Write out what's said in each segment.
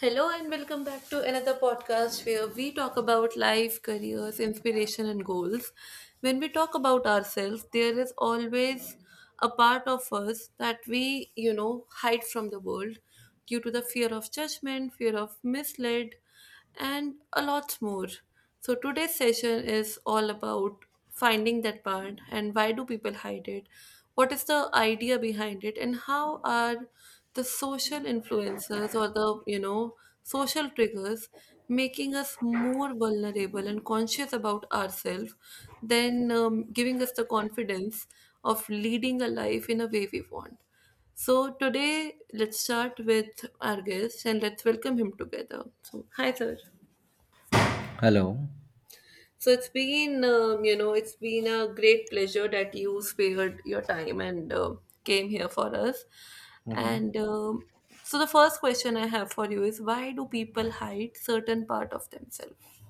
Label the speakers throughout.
Speaker 1: Hello and welcome back to another podcast where we talk about life, careers, inspiration, and goals. When we talk about ourselves, there is always a part of us that we hide from the world due to the fear of judgment, fear of misled, and a lot more. So, today's session is all about finding that part and why do people hide it? What is the idea behind it? And how are the social influencers or the social triggers making us more vulnerable and conscious about ourselves than giving us the confidence of leading a life in a way we want? So today, let's start with our guest and let's welcome him together. So, hi, sir.
Speaker 2: Hello.
Speaker 1: So it's been a great pleasure that you spared your time and came here for us. And so the first question I have for you is, why do people hide certain part of themselves?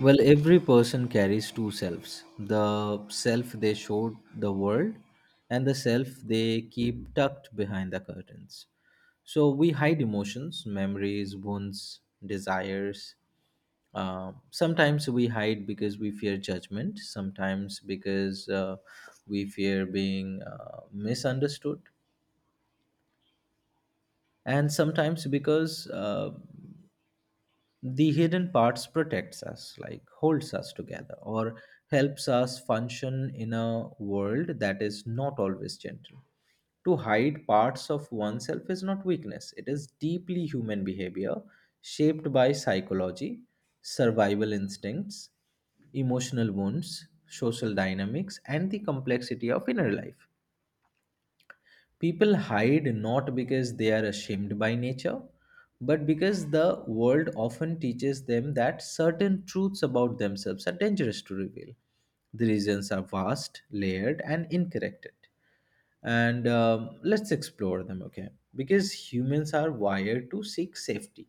Speaker 2: Well, every person carries two selves, the self they showed the world and the self they keep tucked behind the curtains. So we hide emotions, memories, wounds, desires. Sometimes we hide because we fear judgment, sometimes because we fear being misunderstood, and sometimes because the hidden parts protects us, like holds us together or helps us function in a world that is not always gentle. To hide parts of oneself is not weakness, it is deeply human behavior, shaped by psychology, survival instincts, emotional wounds, social dynamics, and the complexity of inner life. People hide not because they are ashamed by nature, but because the world often teaches them that certain truths about themselves are dangerous to reveal. The reasons are vast, layered, and incorrect, and let's explore them, okay? Because humans are wired to seek safety.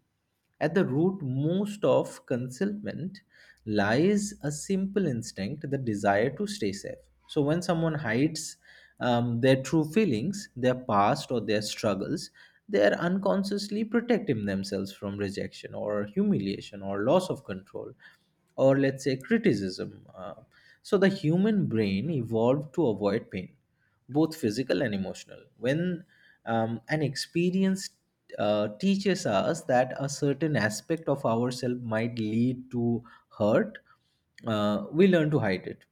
Speaker 2: At the root most of concealment lies a simple instinct, the desire to stay safe. So when someone hides, their true feelings, their past, or their struggles, they are unconsciously protecting themselves from rejection, or humiliation, or loss of control, or let's say criticism. So the human brain evolved to avoid pain, both physical and emotional. When an experience teaches us that a certain aspect of ourselves might lead to hurt, we learn to hide it.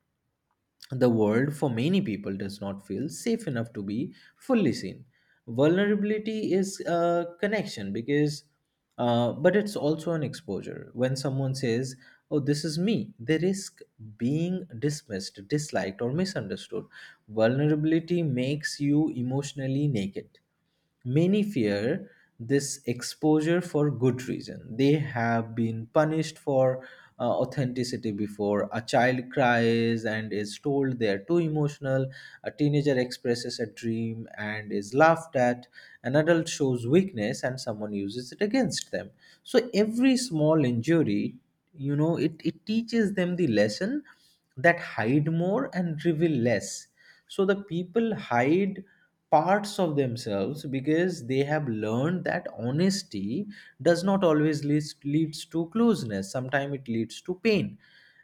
Speaker 2: The world for many people does not feel safe enough to be fully seen. Vulnerability is a connection because, but it's also an exposure. When someone says, "Oh, this is me," they risk being dismissed, disliked, or misunderstood. Vulnerability makes you emotionally naked. Many fear this exposure for good reason. They have been punished for authenticity before. A child cries and is told they are too emotional. A teenager expresses a dream and is laughed at. An adult shows weakness and someone uses it against them. So every small injury, it teaches them the lesson, that hide more and reveal less. So the people hide parts of themselves because they have learned that honesty does not always leads to closeness, sometimes it leads to pain.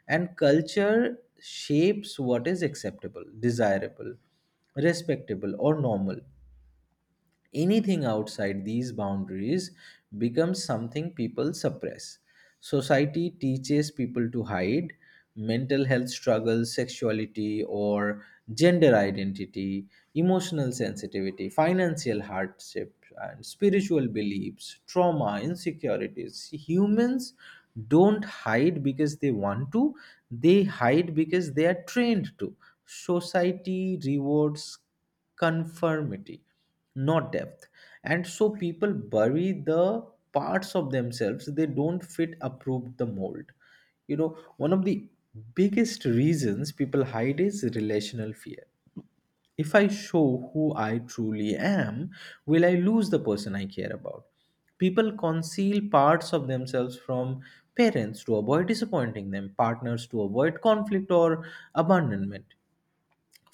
Speaker 2: And culture shapes what is acceptable, desirable, respectable, or normal. Anything outside these boundaries becomes something people suppress. Society teaches people to hide mental health struggles, sexuality, or gender identity, emotional sensitivity, financial hardship, and spiritual beliefs, trauma, insecurities. Humans don't hide because they want to, they hide because they are trained to. Society rewards conformity, not depth, and so people bury the parts of themselves they don't fit approved the mold. You know, one of the biggest reasons people hide is relational fear. If I show who I truly am, will I lose the person I care about? People conceal parts of themselves from parents to avoid disappointing them, partners to avoid conflict or abandonment,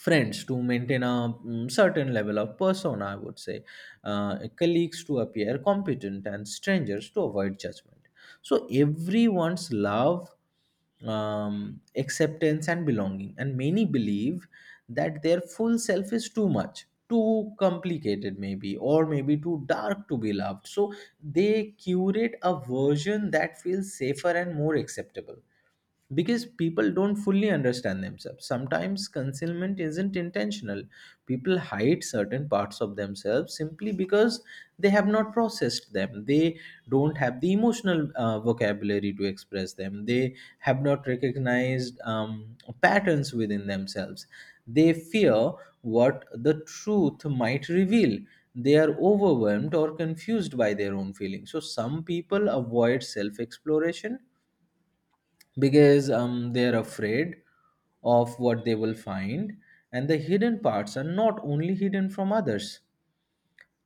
Speaker 2: friends to maintain a certain level of persona, I would say, colleagues to appear competent, and strangers to avoid judgment. So, everyone's love, acceptance, and belonging. And many believe that their full self is too much. Too complicated, maybe, or maybe too dark to be loved. So they curate a version that feels safer and more acceptable. Because people don't fully understand themselves, sometimes concealment isn't intentional. People hide certain parts of themselves simply because they have not processed them, they don't have the emotional vocabulary to express them, they have not recognized patterns within themselves, they fear what the truth might reveal, they are overwhelmed or confused by their own feelings. So some people avoid self exploration because they're afraid of what they will find. And the hidden parts are not only hidden from others,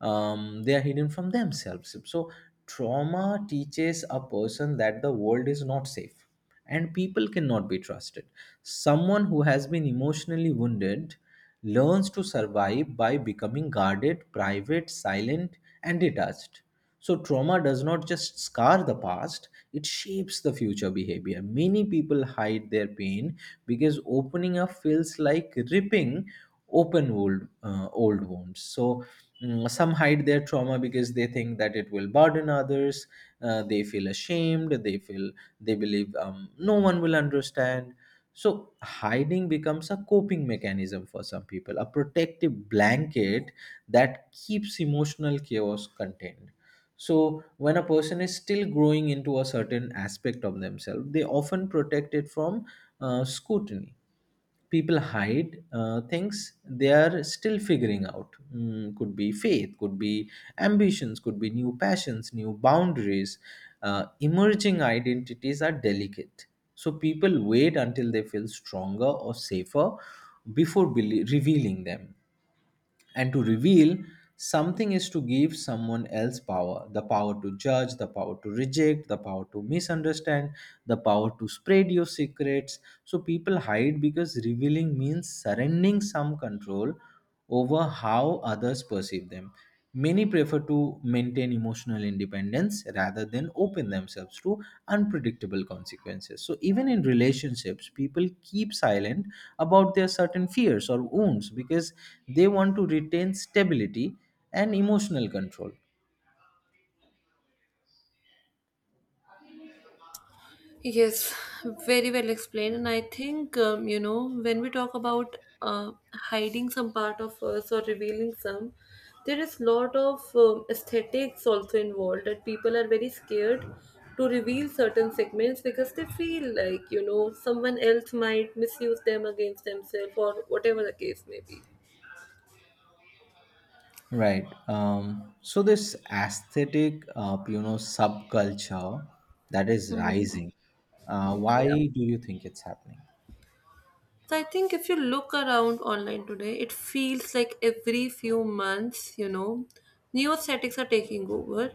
Speaker 2: they are hidden from themselves. So, trauma teaches a person that the world is not safe and people cannot be trusted. Someone who has been emotionally wounded learns to survive by becoming guarded, private, silent, and detached. So, trauma does not just scar the past, it shapes the future behavior. Many people hide their pain because opening up feels like ripping open old, old wounds. So, some hide their trauma because they think that it will burden others, they feel ashamed, they feel, they believe no one will understand. So hiding becomes a coping mechanism for some people, a protective blanket that keeps emotional chaos contained. So when a person is still growing into a certain aspect of themselves, they often protect it from scrutiny. People hide things they are still figuring out. Mm, could be faith, could be ambitions, could be new passions, new boundaries. Emerging identities are delicate, so people wait until they feel stronger or safer before revealing them. And to reveal something is to give someone else power, the power to judge, the power to reject, the power to misunderstand, the power to spread your secrets. So people hide because revealing means surrendering some control over how others perceive them. Many prefer to maintain emotional independence rather than open themselves to unpredictable consequences. So even in relationships, people keep silent about their certain fears or wounds because they want to retain stability and emotional control.
Speaker 1: Yes, very well explained. And I think, when we talk about hiding some part of us or revealing some, there is lot of aesthetics also involved that people are very scared to reveal certain segments because they feel like someone else might misuse them against themselves or whatever the case may be.
Speaker 2: Right. So this aesthetic, subculture that is
Speaker 1: Mhm.
Speaker 2: rising. Why
Speaker 1: Yeah.
Speaker 2: do you think it's happening?
Speaker 1: So I think if you look around online today, it feels like every few months new aesthetics are taking over.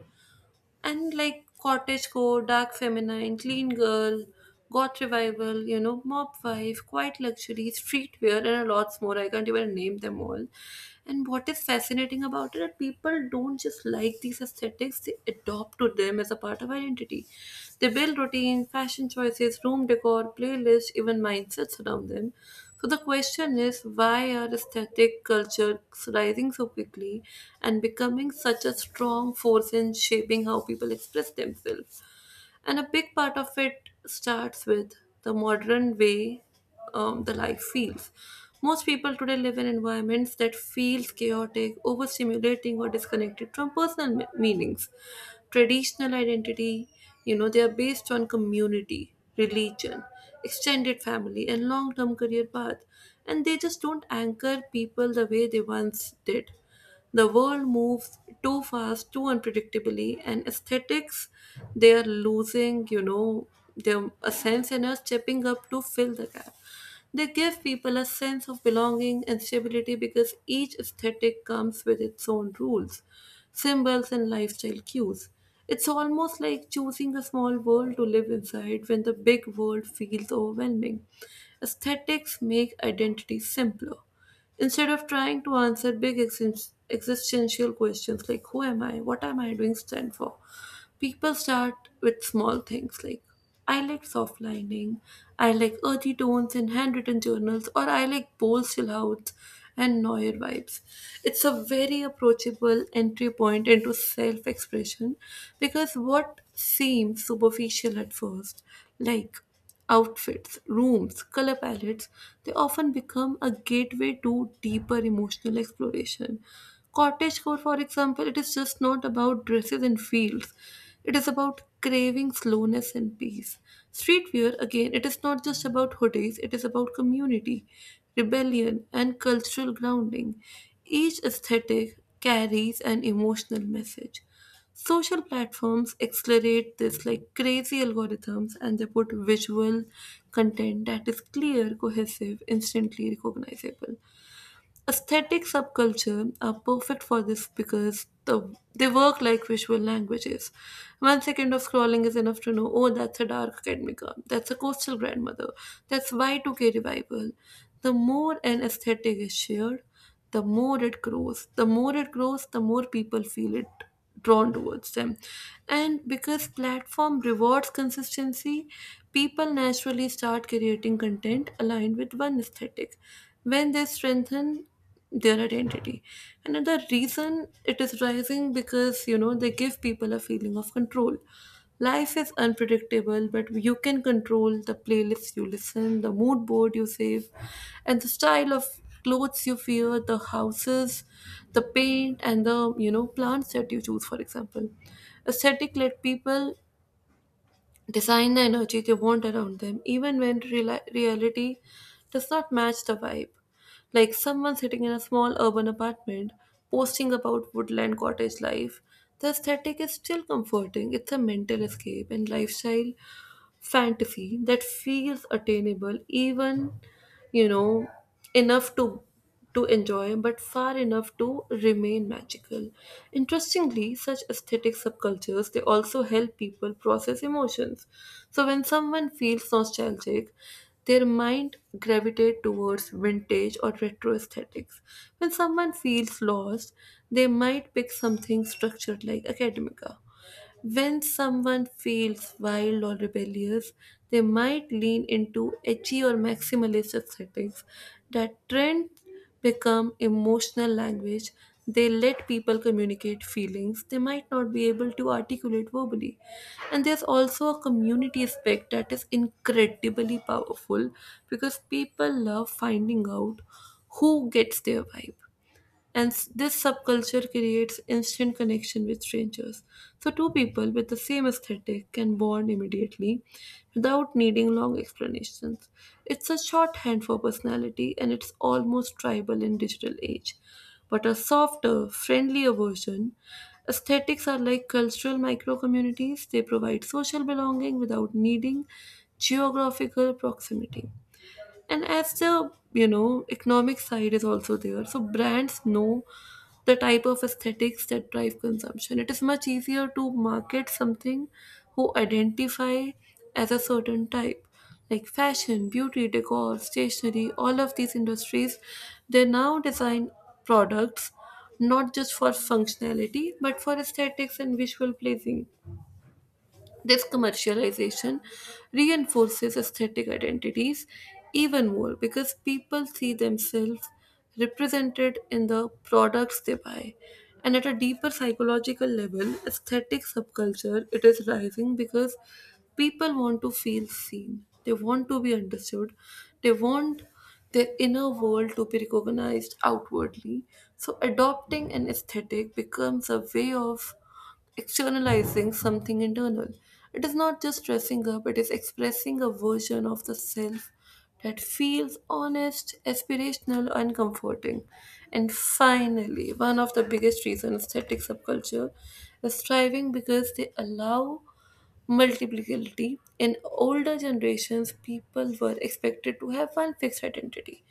Speaker 1: And like cottagecore, dark feminine, clean girl, goth revival mob wife, quiet luxury, streetwear, and a lot more. I can't even name them all. And what is fascinating about it that people don't just like these aesthetics, they adopt to them as a part of identity. They build routine, fashion choices, room decor, playlists, even mindsets around them. So the question is, why are aesthetic cultures rising so quickly and becoming such a strong force in shaping how people express themselves? And a big part of it starts with the modern way the life feels. Most people today live in environments that feels chaotic, overstimulating, or disconnected from personal meanings, traditional identity. They are based on community, religion, extended family, and long term career path. And they just don't anchor people the way they once did. The world moves too fast, too unpredictably, and aesthetics, they are losing their a sense and are stepping up to fill the gap. They give people a sense of belonging and stability because each aesthetic comes with its own rules, symbols, and lifestyle cues. It's almost like choosing a small world to live inside when the big world feels overwhelming. Aesthetics make identity simpler. Instead of trying to answer big existential questions like, who am I, what am I doing stand for, people start with small things like, I like soft lining, I like earthy tones in handwritten journals, or I like bold silhouettes and noir vibes. It's a very approachable entry point into self expression, because what seems superficial at first, like outfits, rooms, color palettes, they often become a gateway to deeper emotional exploration. Cottagecore, for example, it is just not about dresses and fields. It is about craving slowness and peace. Streetwear, again, it is not just about hoodies, it is about community, rebellion, and cultural grounding. Each aesthetic carries an emotional message. Social platforms accelerate this like crazy algorithms, and they put visual content that is clear, cohesive, instantly recognizable. Aesthetic subculture are perfect for this because they work like visual languages. 1 second of scrolling is enough to know, oh, that's a dark academica, that's a coastal grandmother, that's Y2K revival. The more an aesthetic is shared, the more it grows, the more people feel it drawn towards them. And because platform rewards consistency, people naturally start creating content aligned with one aesthetic when they strengthen their identity. Another reason it is rising, because they give people a feeling of control. Life is unpredictable, but you can control the playlists you listen, the mood board you save, and the style of clothes you wear, the houses, the paint, and the plants that you choose. For example, aesthetic led people design the energy they want around them, even when reality does not match the vibe. Like someone sitting in a small urban apartment posting about woodland cottage life, the aesthetic is still comforting. It's a mental escape and lifestyle fantasy that feels attainable, even you know enough to enjoy, but far enough to remain magical. Interestingly, such aesthetic subcultures, they also help people process emotions. So when someone feels nostalgic, their mind gravitate towards vintage or retro aesthetics. When someone feels lost, they might pick something structured like academica. When someone feels wild or rebellious, they might lean into edgy or maximalist settings. That trend become emotional language. They let people communicate feelings they might not be able to articulate verbally. And there's also a community aspect that is incredibly powerful, because people love finding out who gets their vibe. And this subculture creates instant connection with strangers. So, two people with the same aesthetic can bond immediately without needing long explanations. It's a shorthand for personality, and it's almost tribal in digital age. But a softer, friendlier version, aesthetics are like cultural micro communities. They provide social belonging without needing geographical proximity. And as the economic side is also there, so brands know the type of aesthetics that drive consumption. It is much easier to market something who identify as a certain type. Like fashion, beauty, decor, stationery, all of these industries, they now design products not just for functionality but for aesthetics and visual pleasing. This commercialization reinforces aesthetic identities even more because people see themselves represented in the products they buy. And at a deeper psychological level, aesthetic subculture it is rising because people want to feel seen. They want to be understood. They want their inner world to be recognized outwardly. So adopting an aesthetic becomes a way of externalizing something internal. It is not just dressing up, it is expressing a version of the self that feels honest, aspirational, and comforting. And finally, one of the biggest reasons aesthetic subculture is thriving because they allow multiplicity. In older generations, people were expected to have one fixed identity.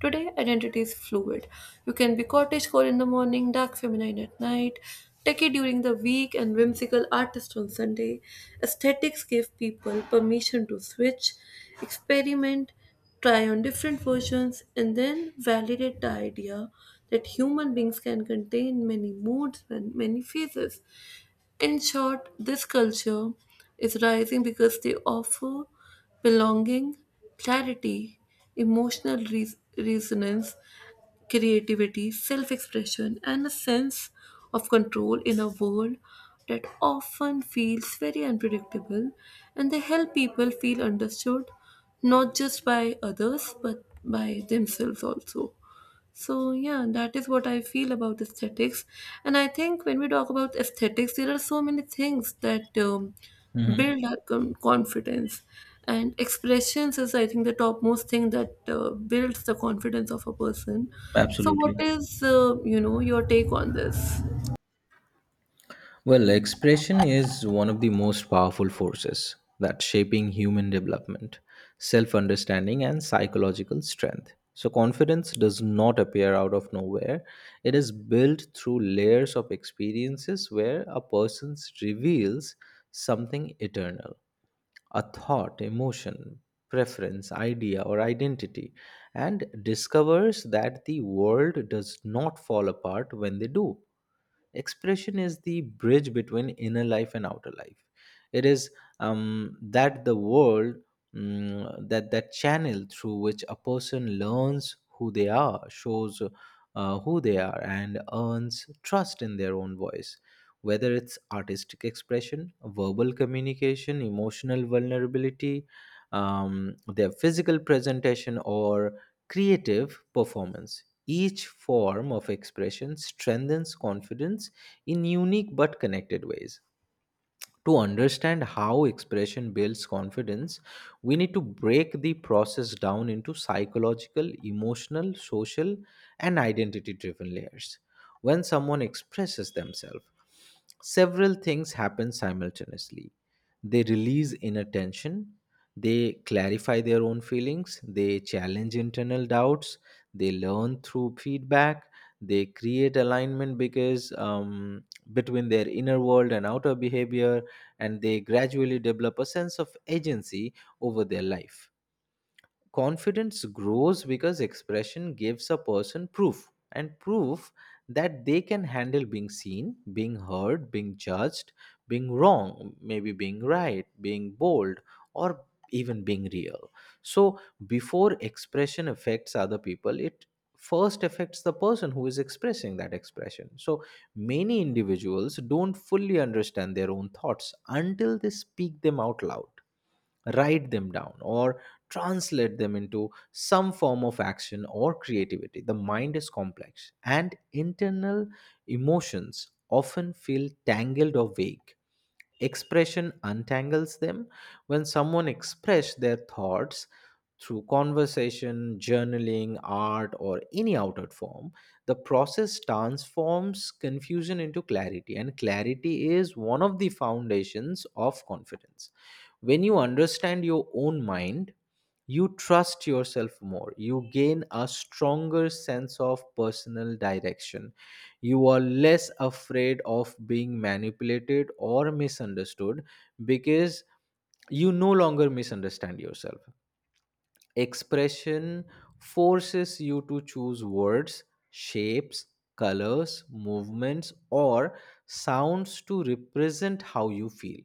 Speaker 1: Today, identity is fluid. You can be cottagecore in the morning, dark feminine at night, techie during the week, and whimsical artist on Sunday. Aesthetics gave people permission to switch, experiment, try on different versions, and then validate the idea that human beings can contain many moods and many phases. In short, this culture is rising because they offer belonging, clarity, emotional resonance, creativity, self expression, and a sense of control in a world that often feels very unpredictable. And they help people feel understood not just by others but by themselves also. So, yeah, that is what I feel about aesthetics. And I think when we talk about aesthetics, there are so many things that build our confidence. And expressions is, I think, the topmost thing that builds the confidence of a person. So, what
Speaker 2: Absolutely.
Speaker 1: is, your take on this?
Speaker 2: Well, expression is one of the most powerful forces that shaping human development, self-understanding, and psychological strength. So confidence does not appear out of nowhere. It is built through layers of experiences where a person reveals something eternal, a thought, emotion, preference, idea, or identity, and discovers that the world does not fall apart when they do. Expression is the bridge between inner life and outer life. It is that the world, that channel through which a person learns who they are, shows who they are, and earns trust in their own voice, whether it's artistic expression, verbal communication, emotional vulnerability, their physical presentation, or creative performance. Each form of expression strengthens confidence in unique but connected ways. To understand how expression builds confidence, we need to break the process down into psychological, emotional, social, and identity driven layers. When someone expresses themselves, several things happen simultaneously. They release inner tension, they clarify their own feelings, they challenge internal doubts, they learn through feedback, they create alignment because between their inner world and outer behavior, and they gradually develop a sense of agency over their life. Confidence grows because expression gives a person proof, and proof that they can handle being seen, being heard, being judged, being wrong, maybe being right, being bold, or even being real. So, before expression affects other people, it first affects the person who is expressing that expression. So, many individuals don't fully understand their own thoughts until they speak them out loud, write them down, or translate them into some form of action or creativity. The mind is complex, and internal emotions often feel tangled or vague. Expression untangles them. When someone express their thoughts through conversation, journaling, art, or any outward form, the process transforms confusion into clarity, and clarity is one of the foundations of confidence. When you understand your own mind, you trust yourself more. You gain a stronger sense of personal direction. You are less afraid of being manipulated or misunderstood, because you no longer misunderstand yourself. Expression forces you to choose words, shapes, colors, movements, or sounds to represent how you feel.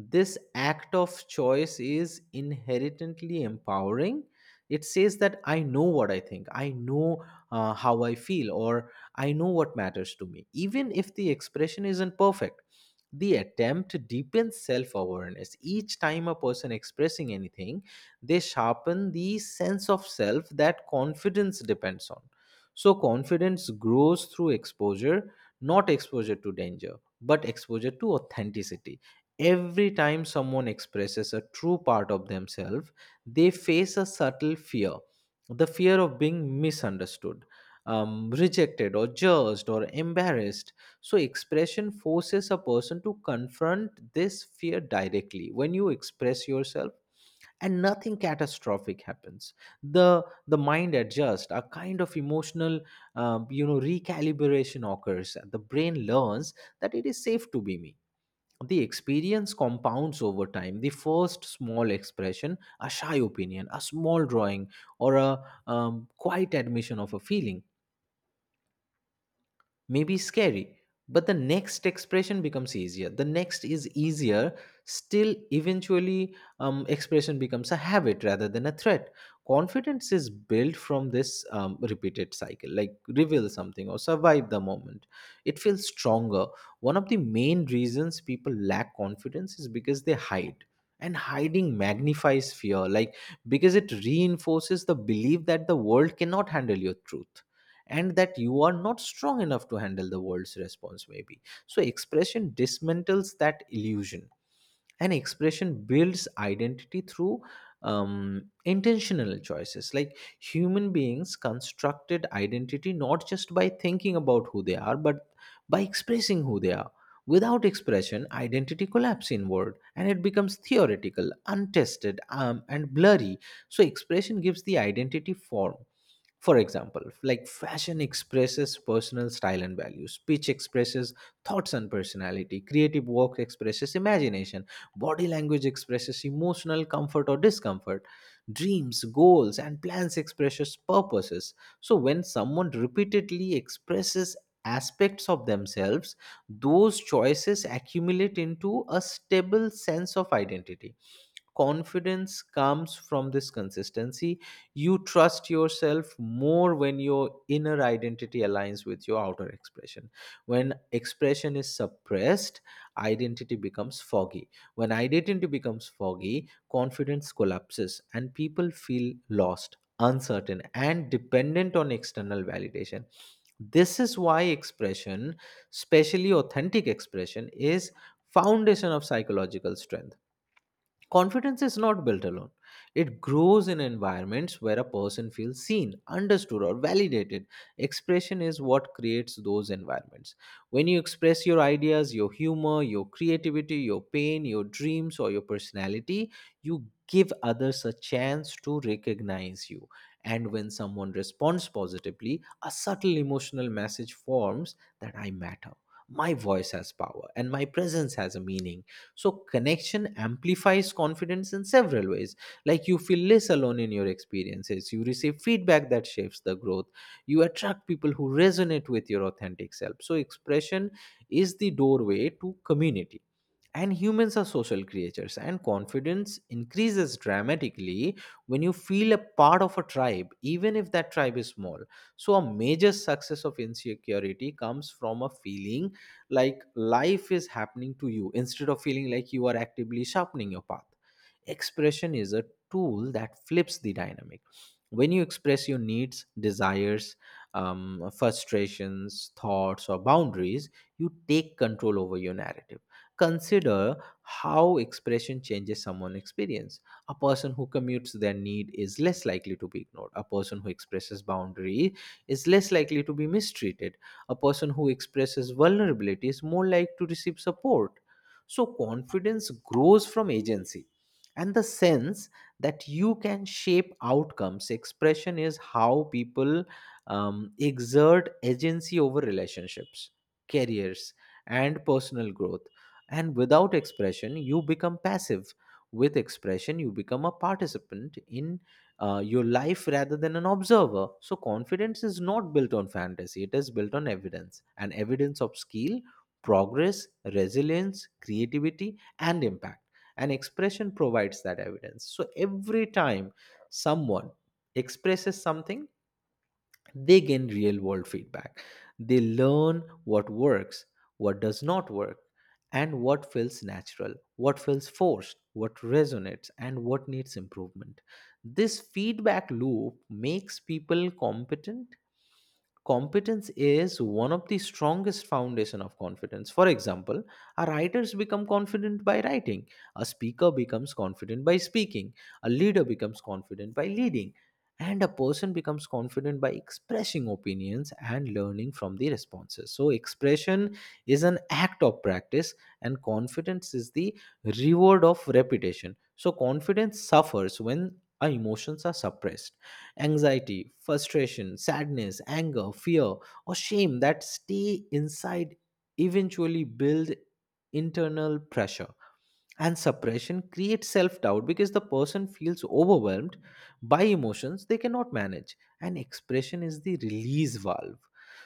Speaker 2: This act of choice is inherently empowering. It says that I know what I think, I know, how I feel, or I know what matters to me. Even if the expression isn't perfect, the attempt deepens self-awareness. Each time a person expressing anything, they sharpen the sense of self that confidence depends on. So confidence grows through exposure, not exposure to danger, but exposure to authenticity. Every time someone expresses a true part of themselves, they face a subtle fear, the fear of being misunderstood, rejected, or judged, or embarrassed. So, expression forces a person to confront this fear directly. When you express yourself, and nothing catastrophic happens, the mind adjusts a kind of emotional recalibration occurs. The brain learns that it is safe to be me. The experience compounds over time. The first small expression, a shy opinion, a small drawing, or a quiet admission of a feeling may be scary, but the next expression becomes easier, the next is easier still. Eventually expression becomes a habit rather than a threat. Confidence is built from this repeated cycle. Like, reveal something or survive the moment, it feels stronger. One of the main reasons people lack confidence is because they hide, and hiding magnifies fear, like, because it reinforces the belief that the world cannot handle your truth, and that you are not strong enough to handle the world's response, maybe. So expression dismantles that illusion, and expression builds identity through intentional choices. Like, human beings constructed identity not just by thinking about who they are, but by expressing who they are. Without expression, identity collapses inward and it becomes theoretical, untested, and blurry. So expression gives the identity form. For example, like, fashion expresses personal style and values, speech expresses thoughts and personality, creative work expresses imagination, body language expresses emotional comfort or discomfort, dreams, goals, and plans expresses purposes. So when someone repeatedly expresses aspects of themselves, those choices accumulate into a stable sense of identity. Confidence comes from this consistency. You trust yourself more when your inner identity aligns with your outer expression. When expression is suppressed, identity becomes foggy. When identity becomes foggy, confidence collapses and people feel lost, uncertain, and dependent on external validation. This is why expression, especially authentic expression, is foundation of psychological strength. Confidence is not built alone. It grows in environments where a person feels seen, understood, or validated. Expression is what creates those environments. When you express your ideas, your humor, your creativity, your pain, your dreams, or your personality, you give others a chance to recognize you. And when someone responds positively, a subtle emotional message forms that I matter. My voice has power and my presence has a meaning. So connection amplifies confidence in several ways. Like, you feel less alone in your experiences, you receive feedback that shapes the growth, you attract people who resonate with your authentic self. So expression is the doorway to community, and humans are social creatures, and confidence increases dramatically when you feel a part of a tribe, even if that tribe is small. So, a major success of insecurity comes from a feeling like life is happening to you instead of feeling like you are actively sharpening your path. Expression is a tool that flips the dynamic. When you express your needs, desires, frustrations, thoughts, or boundaries, you take control over your narrative. Consider how expression changes someone's experience. A person who commutes their need is less likely to be ignored. A person who expresses boundary is less likely to be mistreated. A person who expresses vulnerability is more likely to receive support. So confidence grows from agency and the sense that you can shape outcomes. Expression is how people exert agency over relationships, careers, and personal growth, and without expression, you become passive. With expression, you become a participant in your life rather than an observer. So, confidence is not built on fantasy, it is built on evidence, and evidence of skill, progress, resilience, creativity, and impact. And expression provides that evidence. So, every time someone expresses something, they gain real world feedback. They learn what works, what does not work, and what feels natural, what feels forced, what resonates, and what needs improvement. This feedback loop makes people competent. Competence is one of the strongest foundation of confidence. For example, a writers become confident by writing, a speaker becomes confident by speaking, a leader becomes confident by leading, and a person becomes confident by expressing opinions and learning from the responses. So expression is an act of practice, and confidence is the reward of repetition. So confidence suffers when our emotions are suppressed. Anxiety, frustration, sadness, anger, fear, or shame that stay inside eventually build internal pressure, and suppression creates self doubt because the person feels overwhelmed by emotions they cannot manage, and expression is the release valve.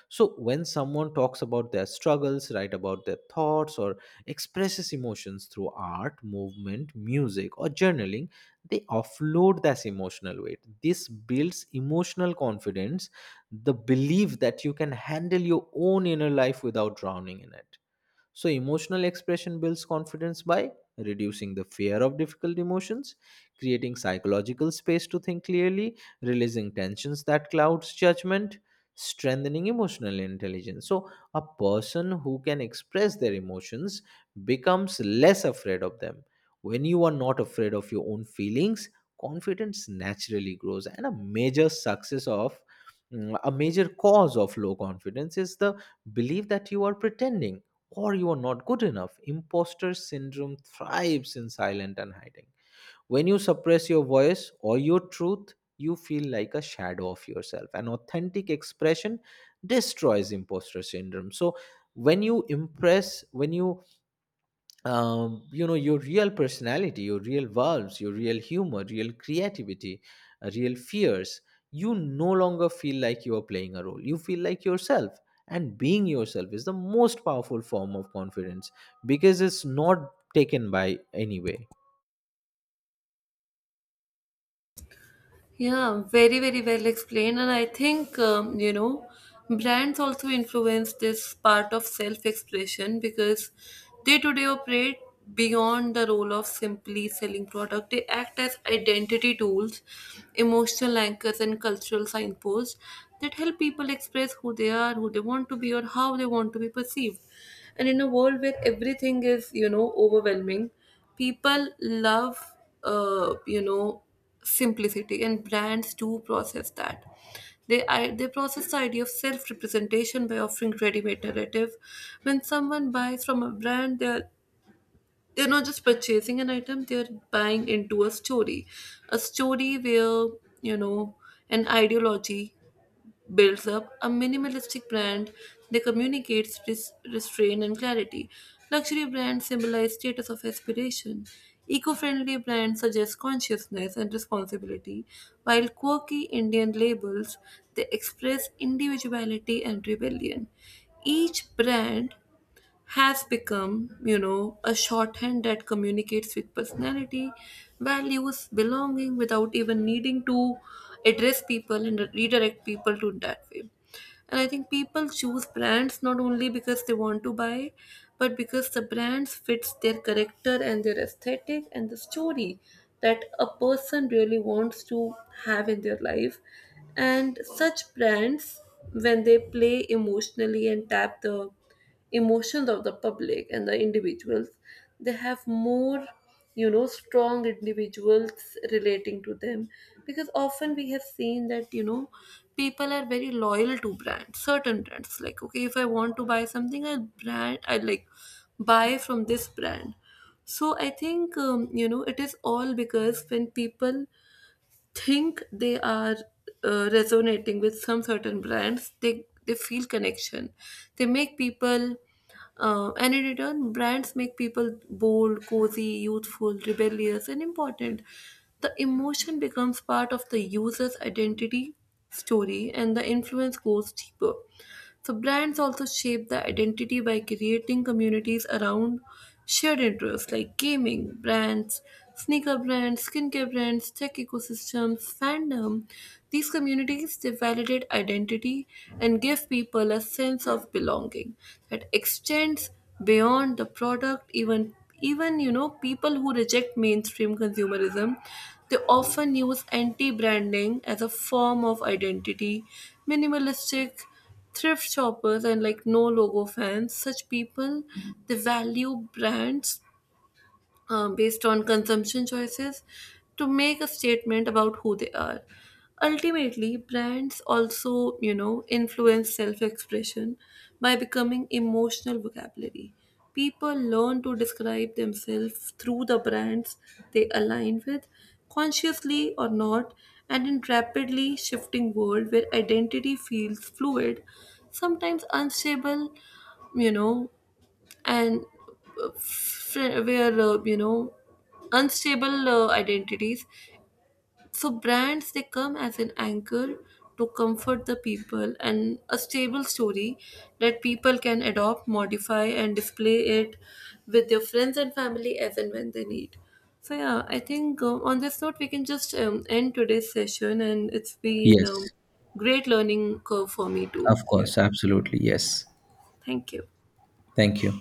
Speaker 2: So when someone talks about their struggles, write about their thoughts, or expresses emotions through art, movement, music, or journaling, they offload this emotional weight. This builds emotional confidence, the belief that you can handle your own inner life without drowning in it. So, emotional expression builds confidence by reducing the fear of difficult emotions, creating psychological space to think clearly, releasing tensions that clouds judgment, strengthening emotional intelligence. So, a person who can express their emotions becomes less afraid of them. When you are not afraid of your own feelings, confidence naturally grows. And a major cause of low confidence is the belief that you are pretending or you are not good enough. Imposter syndrome thrives in silent and hiding. When you suppress your voice or your truth, you feel like a shadow of yourself. An authentic expression destroys imposter syndrome. So, when you impress, when you you know your real personality, your real valves, your real humor, real creativity, real fears, you no longer feel like you are playing a role, you feel like yourself, and being yourself is the most powerful form of confidence, because it's not taken by anyway.
Speaker 1: Yeah, very, very well explained. And I think, brands also influence this part of self expression because they today operate beyond the role of simply selling product. They act as identity tools, emotional anchors, and cultural signposts that help people express who they are, who they want to be, or how they want to be perceived. And in a world where everything is overwhelming, people love, uh, you know, simplicity, and brands do process that. They process the idea of self representation by offering ready made narrative. When someone buys from a brand, they're not just purchasing an item, they're buying into a story, a story where you know an ideology builds up a minimalistic brand. They communicate restraint and clarity. Luxury brands symbolize status of aspiration. Eco friendly brands suggest consciousness and responsibility, while quirky Indian labels they express individuality and rebellion. Each brand has become a shorthand that communicates with personality, values, belonging without even needing to address people and redirect people to that way. And I think people choose brands not only because they want to buy, but because the brands fits their character and their aesthetic and the story that a person really wants to have in their life. And such brands, when they play emotionally and tap the emotions of the public and the individuals, they have more strong individuals relating to them, because often we have seen that people are very loyal to brands, certain brands, like, okay, if I want to buy something, I brand I like, buy from this brand. So I think, it is all because when people think they are resonating with some certain brands, they feel connection, they make people and in return, brands make people bold, cozy, youthful, rebellious, and important. The emotion becomes part of the user's identity story, and the influence goes deeper. So, brands also shape the identity by creating communities around shared interests like gaming brands, sneaker brands, skincare brands, tech ecosystems, fandom. These communities, they validate identity and give people a sense of belonging that extends beyond the product. Even people who reject mainstream consumerism, they often use anti-branding as a form of identity. Minimalistic thrift shoppers and like no logo fans, such people, they value brands based on consumption choices to make a statement about who they are. Ultimately, brands also influence self expression by becoming emotional vocabulary. People learn to describe themselves through the brands they align with, consciously or not, and in rapidly shifting world where identity feels fluid, sometimes unstable, you know and where unstable identities, so brands, they come as an anchor to comfort the people, and a stable story that people can adopt, modify, and display it with their friends and family as and when they need. So yeah, I think on this note we can just end today's session, and it's been
Speaker 2: Yes,
Speaker 1: great learning curve for me too.
Speaker 2: of
Speaker 1: Yeah,
Speaker 2: course, absolutely. Yes.
Speaker 1: thank you.
Speaker 2: Thank you.